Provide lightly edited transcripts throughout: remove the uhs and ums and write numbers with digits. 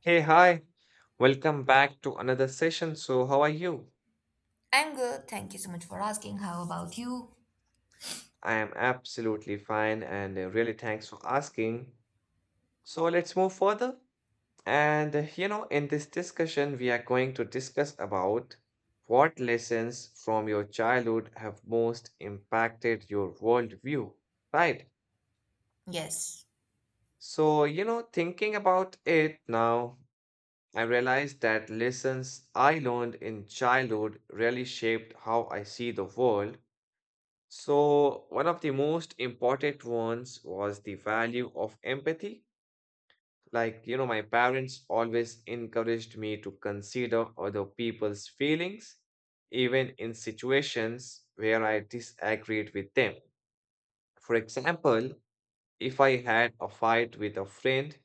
Hey, hi. Welcome back to another session. So, how are you? I'm good. Thank you so much for asking. How about you? I am absolutely fine and really thanks for asking. So, let's move further. In this discussion, we are going to discuss about what lessons from your childhood have most impacted your worldview, right? Yes, Thinking about it now, I realized that lessons I learned in childhood really shaped how I see the world. So, one of the most important ones was the value of empathy. My parents always encouraged me to consider other people's feelings, even in situations where I disagreed with them. For example, if I had a fight with a friend,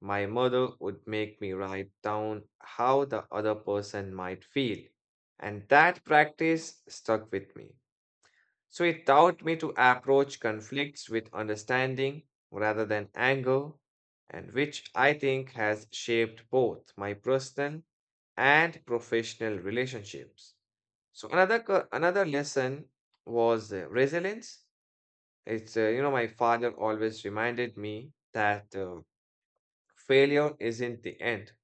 my mother would make me write down how the other person might feel. And that practice stuck with me. So it taught me to approach conflicts with understanding rather than anger, and which I think has shaped both my personal and professional relationships. So another lesson was resilience. It's my father always reminded me that failure isn't the end,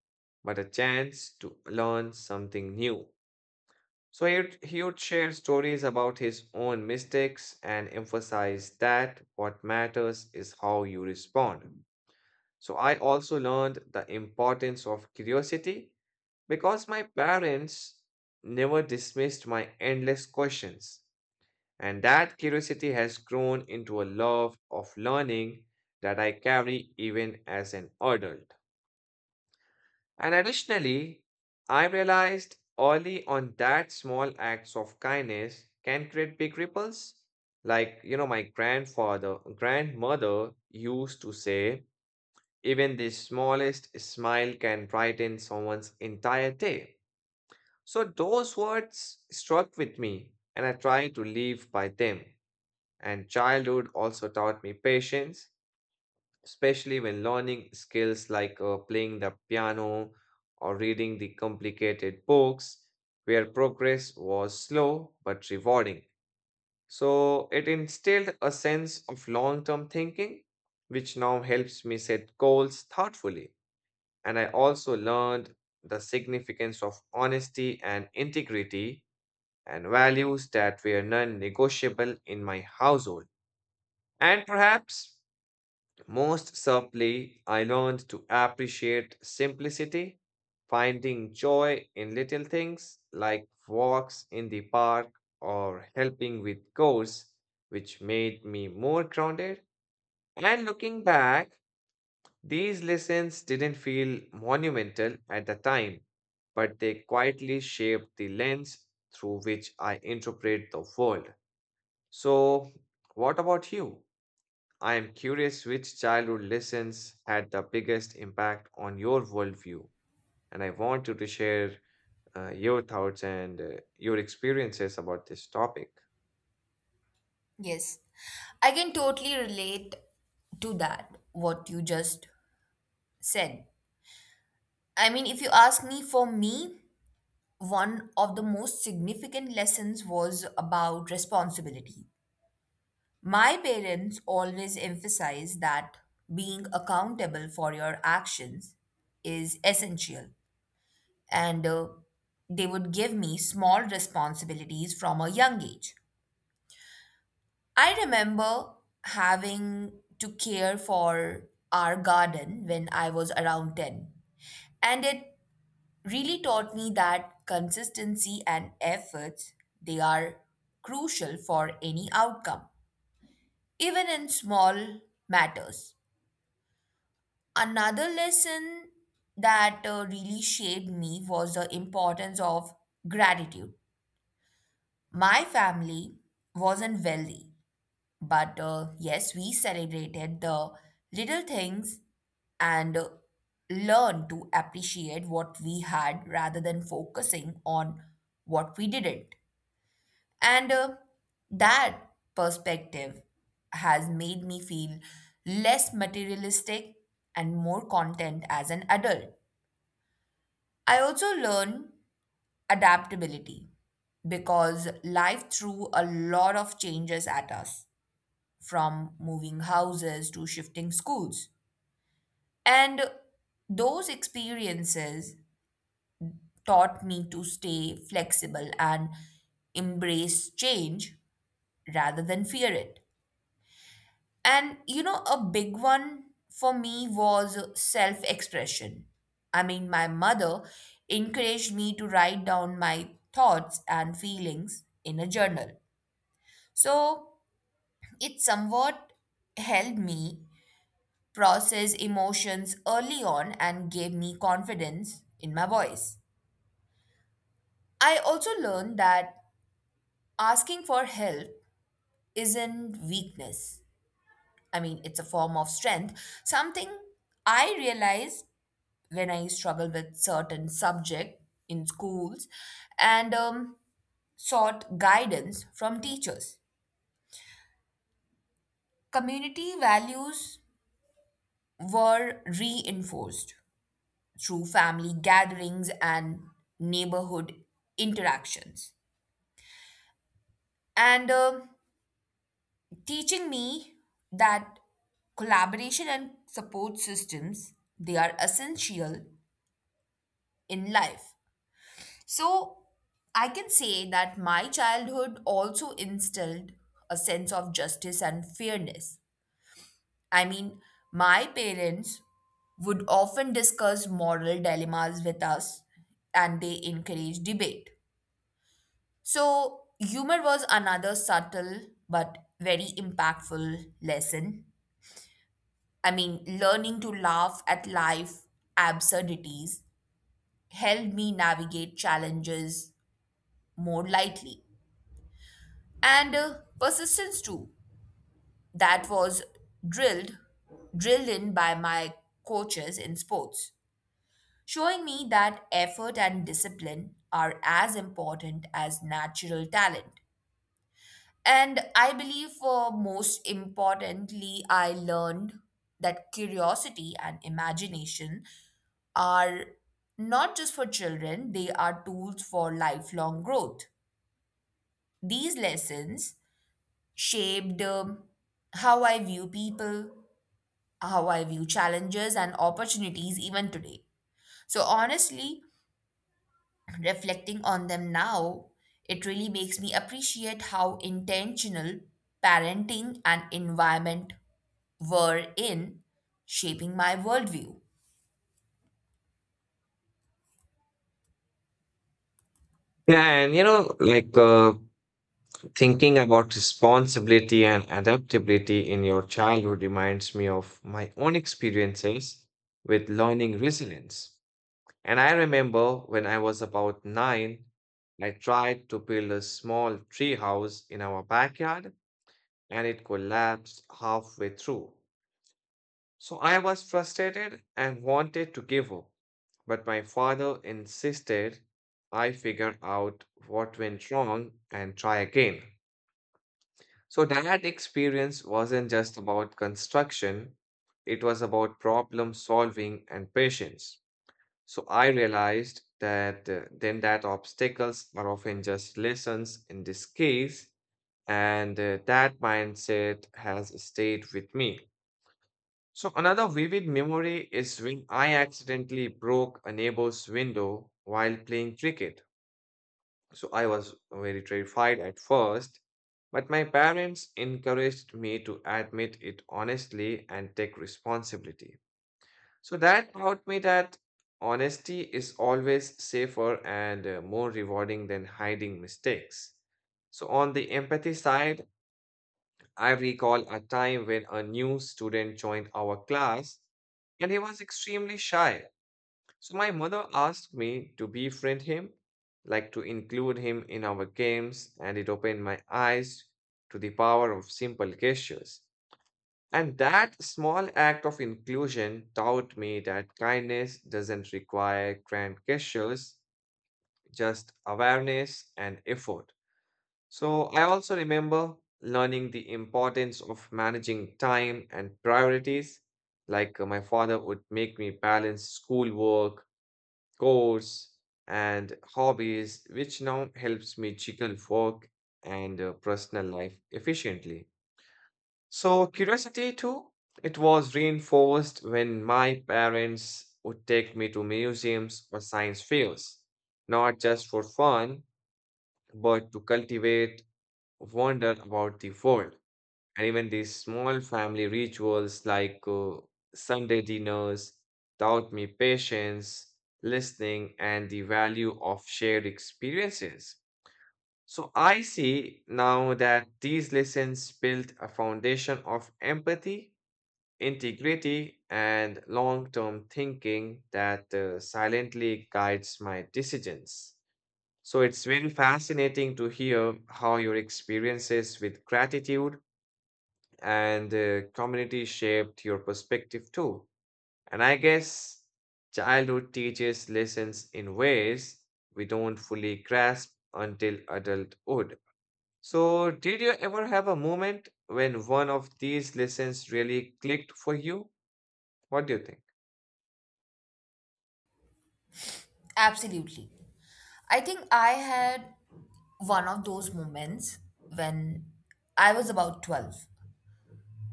but a chance to learn something new. So he would share stories about his own mistakes and emphasize that what matters is how you respond. So I also learned the importance of curiosity because my parents never dismissed my endless questions. And that curiosity has grown into a love of learning that I carry even as an adult. And additionally, I realized early on that small acts of kindness can create big ripples. My grandmother used to say, even the smallest smile can brighten someone's entire day. So those words struck with me, and I try to live by them. And childhood also taught me patience, especially when learning skills like playing the piano or reading the complicated books, where progress was slow but rewarding. So it instilled a sense of long term thinking, which now helps me set goals thoughtfully. And I also learned the significance of honesty and integrity, and values that were non negotiable in my household. And perhaps most subtly, I learned to appreciate simplicity, finding joy in little things like walks in the park or helping with chores, which made me more grounded. And looking back, these lessons didn't feel monumental at the time, but they quietly shaped the lens through which I interpret the world. So, what about you? I am curious which childhood lessons had the biggest impact on your worldview, and I want you to share your thoughts and your experiences about this topic. yes. I can totally relate to that, what you just said. I mean, if you ask me, for me, one of the most significant lessons was about responsibility. My parents always emphasize that being accountable for your actions is essential, and they would give me small responsibilities from a young age. I remember having to care for our garden when I was around 10. And it really taught me that consistency and efforts they are crucial for any outcome, even in small matters. Another lesson that really shaped me was the importance of gratitude. My family wasn't wealthy, but yes, we celebrated the little things and learned to appreciate what we had rather than focusing on what we didn't. And That perspective has made me feel less materialistic and more content as an adult. I also learned adaptability because life threw a lot of changes at us from moving houses to shifting schools. And those experiences taught me to stay flexible and embrace change rather than fear it. And you know, a big one for me was self expression. I mean, my mother encouraged me to write down my thoughts and feelings in a journal. So it somewhat helped me process emotions early on and gave me confidence in my voice. I also learned that asking for help isn't weakness. I mean, it's a form of strength. Something I realized when I struggled with certain subject in schools and sought guidance from teachers. Community values were reinforced through family gatherings and neighborhood interactions. And teaching me that collaboration and support systems they are essential in life. So I can say that my childhood also instilled a sense of justice and fairness. I mean, my parents would often discuss moral dilemmas with us and they encourage debate. So, humor was another subtle but very impactful lesson. I mean, learning to laugh at life absurdities helped me navigate challenges more lightly. And Persistence too. That was drilled drilled in by my coaches in sports, showing me that effort and discipline are as important as natural talent. And I believe, for most importantly, I learned that curiosity and imagination are not just for children, they are tools for lifelong growth. These lessons shaped how I view people, how I view challenges and opportunities even today. So, honestly, reflecting on them now, it really makes me appreciate how intentional parenting and environment were in shaping my worldview. Yeah, and thinking about responsibility and adaptability in your childhood reminds me of my own experiences with learning resilience. And I remember when I was about 9, I tried to build a small tree house in our backyard and it collapsed halfway through. So I was frustrated and wanted to give up, but my father insisted I figure out what went wrong and try again. So that experience wasn't just about construction, it was about problem solving and patience. So I realized that obstacles are often just lessons in this case, and that mindset has stayed with me. So another vivid memory is when I accidentally broke a neighbor's window while playing cricket. So I was very terrified at first, but my parents encouraged me to admit it honestly and take responsibility. So that taught me that honesty is always safer and more rewarding than hiding mistakes. So on the empathy side, I recall a time when a new student joined our class and he was extremely shy. So my mother asked me to befriend him, like to include him in our games, and it opened my eyes to the power of simple gestures. And that small act of inclusion taught me that kindness doesn't require grand gestures, just awareness and effort. So I also remember learning the importance of managing time and priorities. Like my father would make me balance schoolwork, chores, and hobbies, which now helps me juggle work and personal life efficiently. So curiosity too, it was reinforced when my parents would take me to museums or science fairs, not just for fun, but to cultivate wonder about the world. And even these small family rituals like Sunday dinners taught me patience, listening, and the value of shared experiences. So I see now that these lessons built a foundation of empathy, integrity, and long term thinking that silently guides my decisions. So it's very fascinating to hear how your experiences with gratitude and community shaped your perspective too. And I guess childhood teaches lessons in ways we don't fully grasp until adulthood. So, did you ever have a moment when one of these lessons really clicked for you? What do you think? Absolutely. I think I had one of those moments when I was about 12.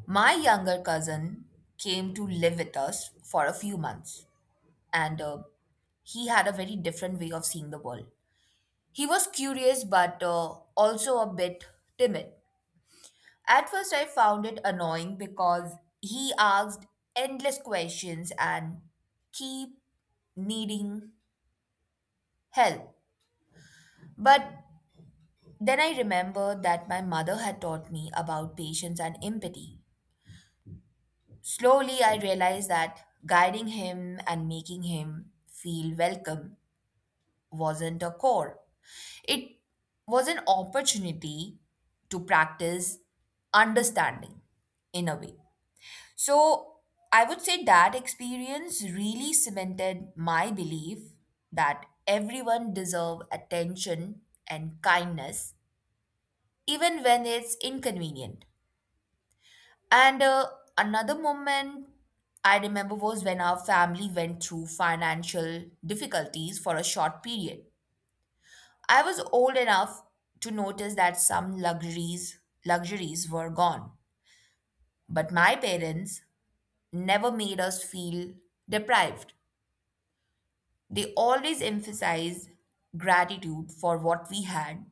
My younger cousin came to live with us for a few months, and he had a very different way of seeing the world. He was curious but also a bit timid. At first, I found it annoying because he asked endless questions and keep needing help. But then I remembered that my mother had taught me about patience and empathy. Slowly, I realized that guiding him and making him feel welcome wasn't a chore, it was an opportunity to practice understanding in a way. So, I would say that experience really cemented my belief that everyone deserves attention and kindness even when it's inconvenient. And Another moment I remember was when our family went through financial difficulties for a short period. I was old enough to notice that some luxuries were gone, but my parents never made us feel deprived. They always emphasized gratitude for what we had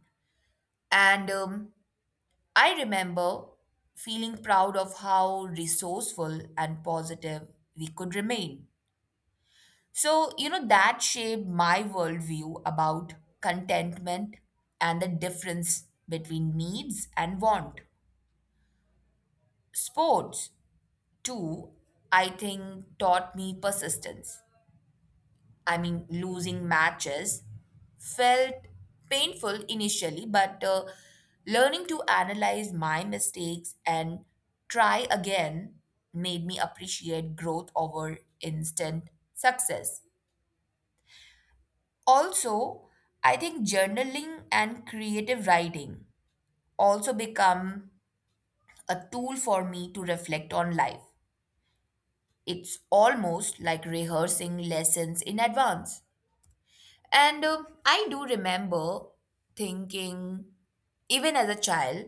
and I remember feeling proud of how resourceful and positive we could remain. So, you know, that shaped my worldview about contentment and the difference between needs and want. Sports, too, I think taught me persistence. I mean, losing matches felt painful initially, but learning to analyze my mistakes and try again made me appreciate growth over instant success. Also, I think journaling and creative writing also become a tool for me to reflect on life. It's almost like rehearsing lessons in advance. And I do remember thinking, even as a child,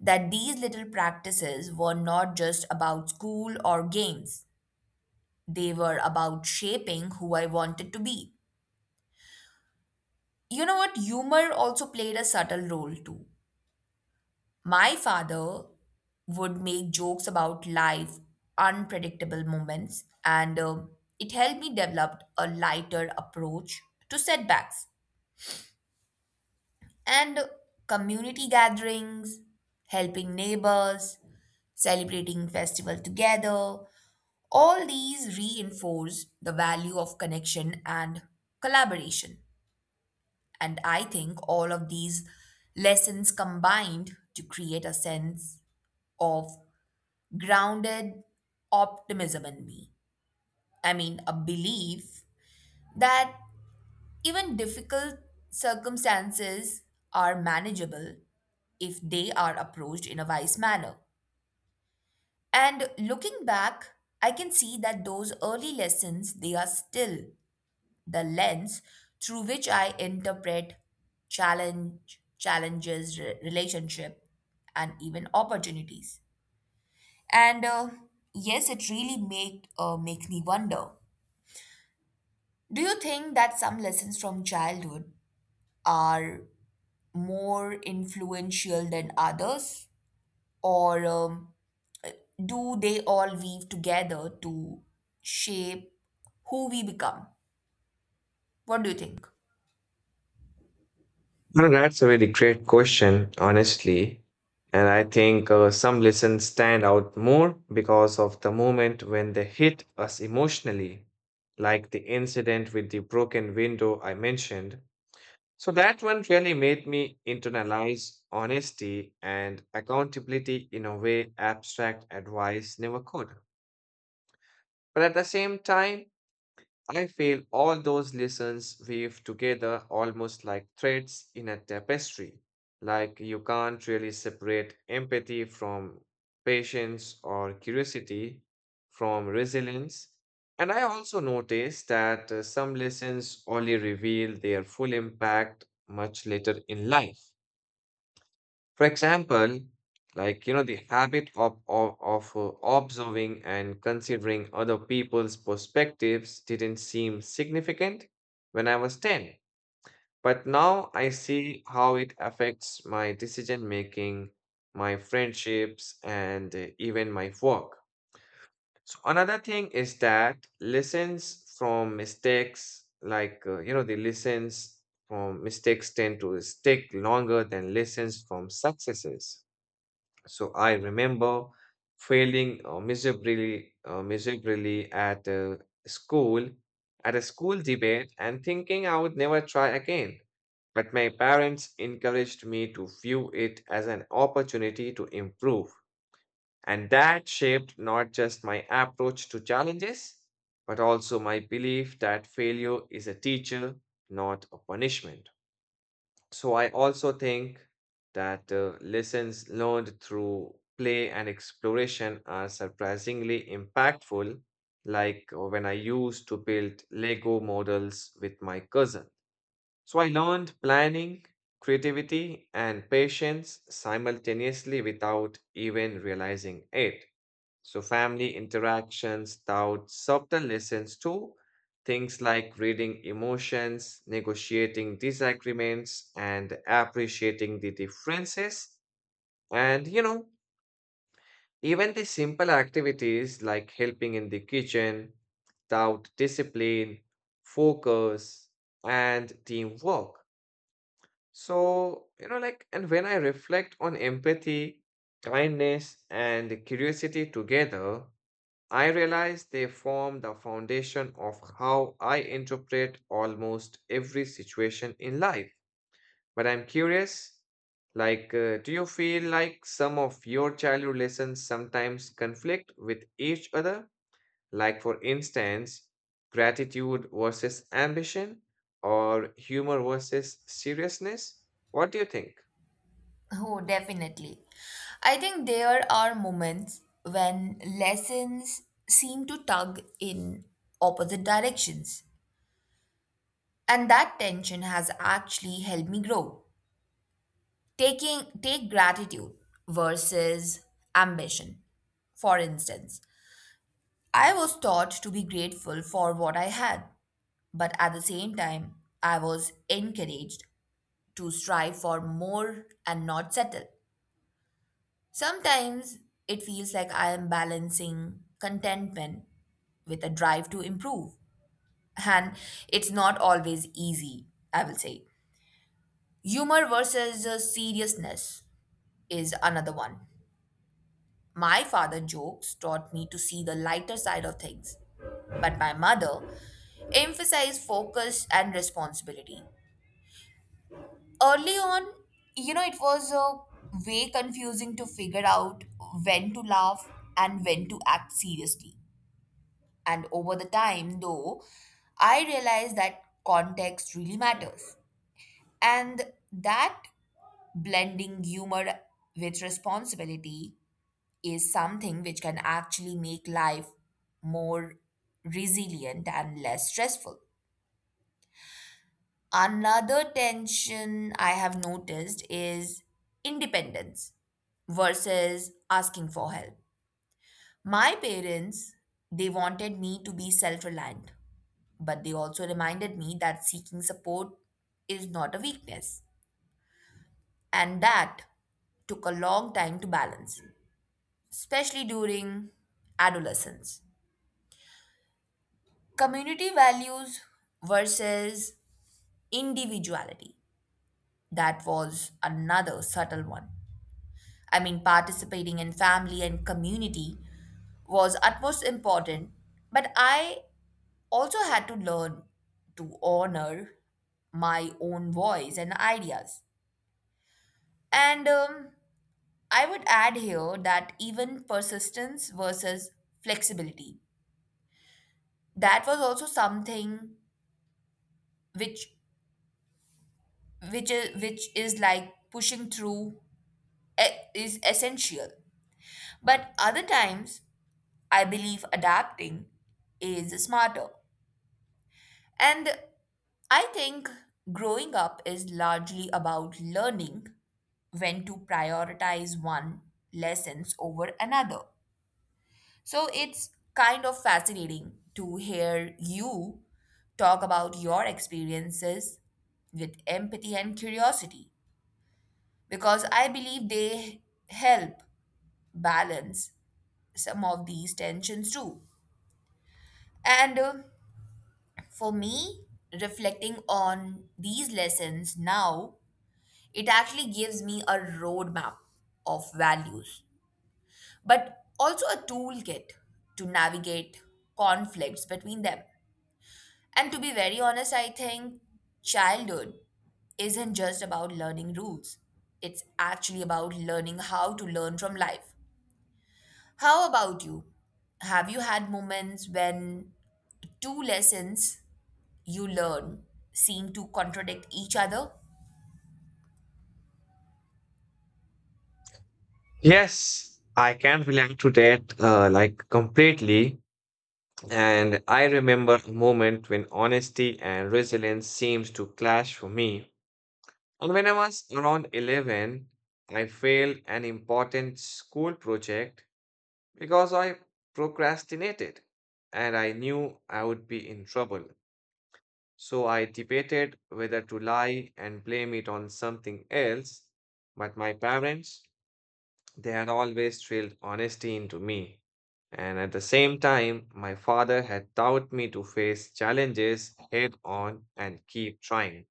that these little practices were not just about school or games, they were about shaping who I wanted to be. You know what? Humor also played a subtle role too. My father would make jokes about life, unpredictable moments, and it helped me develop a lighter approach to setbacks. And community gatherings, helping neighbors, celebrating festival together, all these reinforce the value of connection and collaboration. And I think all of these lessons combined to create a sense of grounded optimism in me. I mean, a belief that even difficult circumstances are manageable if they are approached in a wise manner. And looking back, I can see that those early lessons, they are still the lens through which I interpret challenges, relationship, and even opportunities. And Yes, it really makes me wonder. Do you think that some lessons from childhood are more influential than others, or do they all weave together to shape who we become? What do you think? Well, that's a very great question, honestly. And I think some lessons stand out more because of the moment when they hit us emotionally, like the incident with the broken window I mentioned. So that one really made me internalize honesty and accountability in a way abstract advice never could. But at the same time, I feel all those lessons weave together almost like threads in a tapestry. Like you can't really separate empathy from patience or curiosity from resilience. And I also noticed that some lessons only reveal their full impact much later in life. For example, the habit of observing and considering other people's perspectives didn't seem significant when I was 10. But now I see how it affects my decision making, my friendships, and even my work. So, another thing is that lessons from mistakes, the lessons from mistakes tend to stick longer than lessons from successes. So I remember failing miserably at school, at a school debate, and thinking I would never try again. But my parents encouraged me to view it as an opportunity to improve. And that shaped not just my approach to challenges, but also my belief that failure is a teacher, not a punishment. So I also think that lessons learned through play and exploration are surprisingly impactful, like when I used to build Lego models with my cousin. So I learned planning, creativity, and patience simultaneously without even realizing it. So, family interactions taught subtle lessons too, things like reading emotions, negotiating disagreements, and appreciating the differences. And, you know, even the simple activities like helping in the kitchen taught discipline, focus, and teamwork. So, you know, like, and when I reflect on empathy, kindness, and curiosity together, I realize they form the foundation of how I interpret almost every situation in life. But I'm curious, do you feel like some of your childhood lessons sometimes conflict with each other? Like, for instance, gratitude versus ambition or humor versus seriousness? What do you think? Oh, definitely. I think there are moments when lessons seem to tug in opposite directions. And that tension has actually helped me grow. Taking take gratitude versus ambition. For instance, I was taught to be grateful for what I had, but at the same time, I was encouraged to strive for more and not settle. Sometimes it feels like I am balancing contentment with a drive to improve. And it's not always easy, I will say. Humor versus seriousness is another one. My father jokes taught me to see the lighter side of things, but my mother emphasized focus and responsibility. Early on, you know, it was way confusing to figure out when to laugh and when to act seriously. And over the time, though, I realized that context really matters. And that blending humor with responsibility is something which can actually make life more resilient and less stressful. Another tension I have noticed is independence versus asking for help. My parents, they wanted me to be self reliant, but they also reminded me that seeking support is not a weakness. And that took a long time to balance, especially during adolescence. Community values versus individuality. That was another subtle one. I mean, participating in family and community was utmost important, but I also had to learn to honor my own voice and ideas. And I would add here that even persistence versus flexibility. That was also something which which is like pushing through e- is essential. But other times, I believe adapting is smarter. And I think growing up is largely about learning when to prioritize one lessons over another. So it's kind of fascinating to hear you talk about your experiences with empathy and curiosity because I believe they help balance some of these tensions too. And For me, reflecting on these lessons now it actually gives me a roadmap of values, but also a toolkit to navigate conflicts between them. And to be very honest, I think childhood isn't just about learning rules, it's actually about learning how to learn from life. How about you? Have you had moments when two lessons you learn seem to contradict each other? Yes, I can relate to that, completely. And I remember a moment when honesty and resilience seems to clash for me. And when I was around 11, I failed an important school project because I procrastinated and I knew I would be in trouble. So I debated whether to lie and blame it on something else, but my parents they had always drilled honesty into me. And at the same time, my father had taught me to face challenges head on and keep trying.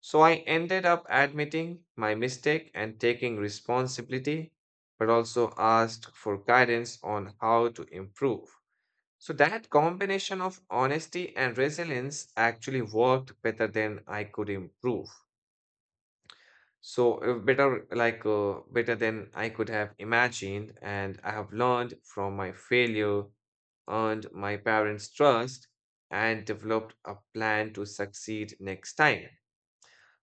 So I ended up admitting my mistake and taking responsibility, but also asked for guidance on how to improve. So that combination of honesty and resilience actually worked better than I could improve. So better than I could have imagined, and I have learned from my failure, earned my parents' trust, and developed a plan to succeed next time.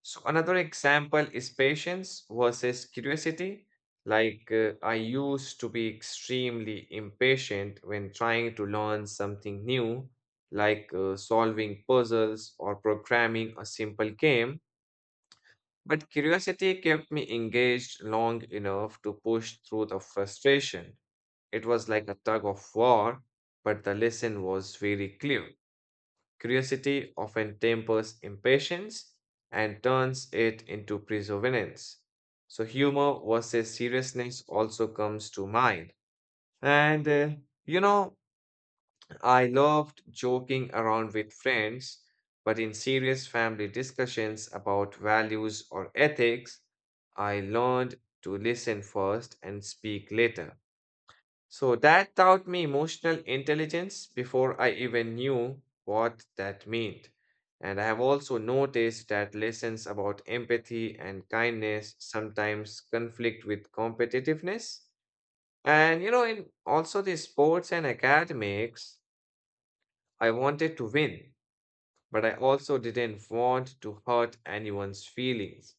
So another example is patience versus curiosity. Like I used to be extremely impatient when trying to learn something new, like solving puzzles or programming a simple game. But curiosity kept me engaged long enough to push through the frustration. It was like a tug of war, but the lesson was very clear. Curiosity often tempers impatience and turns it into perseverance. So, humor versus seriousness also comes to mind. And, you know, I loved joking around with friends, but in serious family discussions about values or ethics, I learned to listen first and speak later. So that taught me emotional intelligence before I even knew what that meant. And I have also noticed that lessons about empathy and kindness sometimes conflict with competitiveness. And you know, in also the sports and academics, I wanted to win, but I also didn't want to hurt anyone's feelings.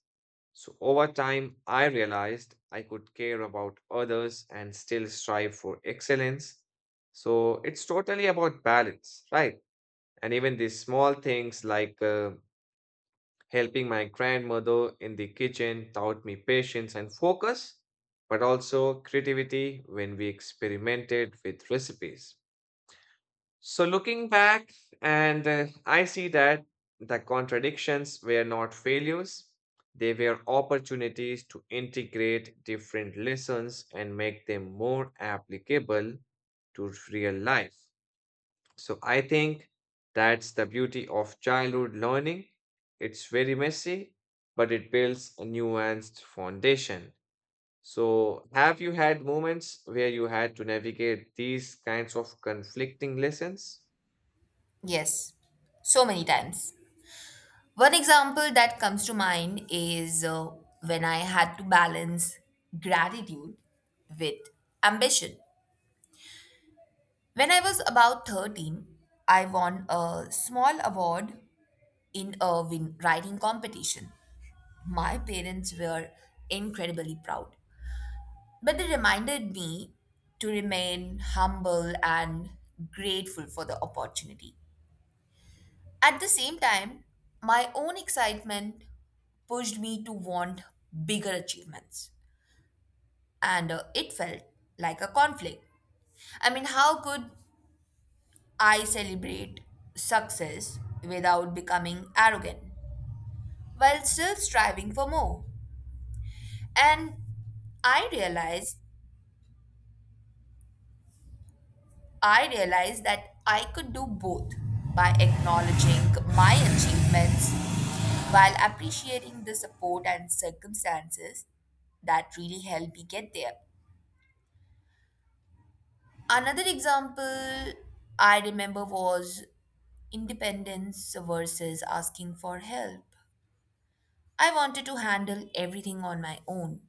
So over time, I realized I could care about others and still strive for excellence. So it's totally about balance, right? And even these small things like helping my grandmother in the kitchen taught me patience and focus, but also creativity when we experimented with recipes. So, looking back, and I see that the contradictions were not failures, they were opportunities to integrate different lessons and make them more applicable to real life. So, I think that's the beauty of childhood learning. It's very messy, but it builds a nuanced foundation. So, have you had moments where you had to navigate these kinds of conflicting lessons? Yes, so many times. One example that comes to mind is when I had to balance gratitude with ambition. When I was about 13, I won a small award in a writing competition. My parents were incredibly proud, but they reminded me to remain humble and grateful for the opportunity. At the same time, my own excitement pushed me to want bigger achievements. And It felt like a conflict. I mean, how could I celebrate success without becoming arrogant while still striving for more? And I realized I realized that I could do both by acknowledging my achievements while appreciating the support and circumstances that really helped me get there. Another example I remember was independence versus asking for help. I wanted to handle everything on my own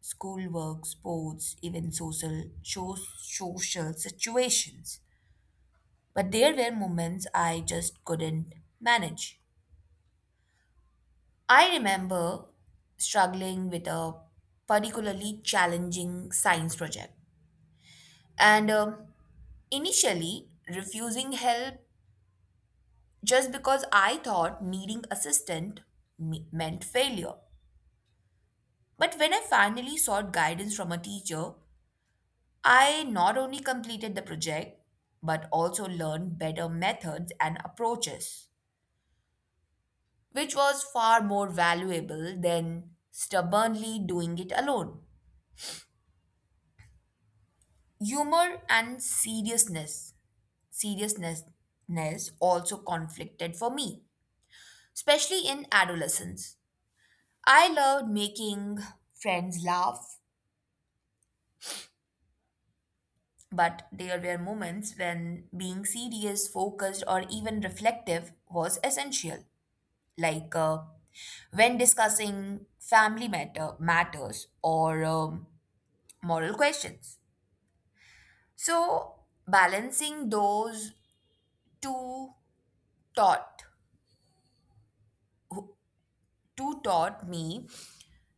schoolwork, sports, even social situations. But there were moments I just couldn't manage. I remember struggling with a particularly challenging science project and initially refusing help just because I thought needing assistance meant failure. But when I finally sought guidance from a teacher, I not only completed the project but also learned better methods and approaches, which was far more valuable than stubbornly doing it alone. Humor and seriousness also conflicted for me, especially in adolescence. I loved making friends laugh, but there were moments when being serious, focused, or even reflective was essential, like when discussing family matters or moral questions. So balancing those two taught who- two taught me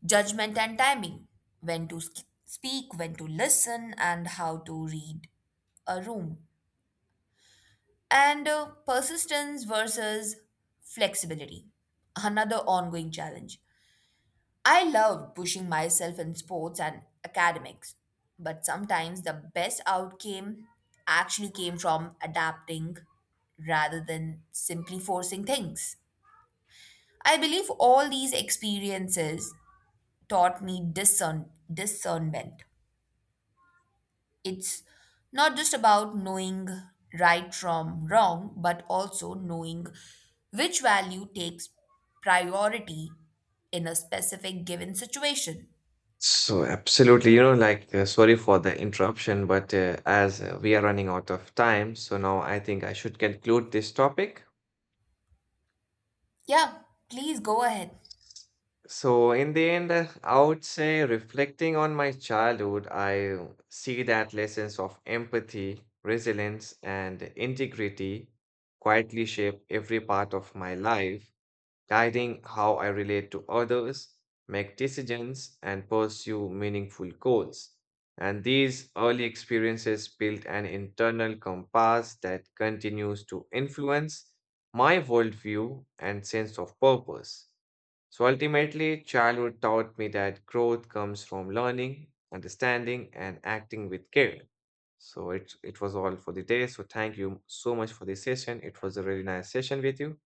judgment and timing, when to speak, when to listen, and how to read a room, and persistence versus flexibility, another ongoing challenge. I loved pushing myself in sports and academics, but sometimes the best outcome actually came from adapting rather than simply forcing things. I believe all these experiences taught me discernment. It's not just about knowing right from wrong, but also knowing which value takes priority in a specific given situation. So, absolutely, sorry for the interruption, but as we are running out of time, so now I think I should conclude this topic. Yeah, please go ahead. So, in the end, I would say reflecting on my childhood, I see that lessons of empathy, resilience, and integrity quietly shape every part of my life, guiding how I relate to others, make decisions, and pursue meaningful goals. And these early experiences built an internal compass that continues to influence my worldview and sense of purpose. So ultimately, childhood taught me that growth comes from learning, understanding, and acting with care. So it was all for the day. So thank you so much for this session. It was a really nice session with you.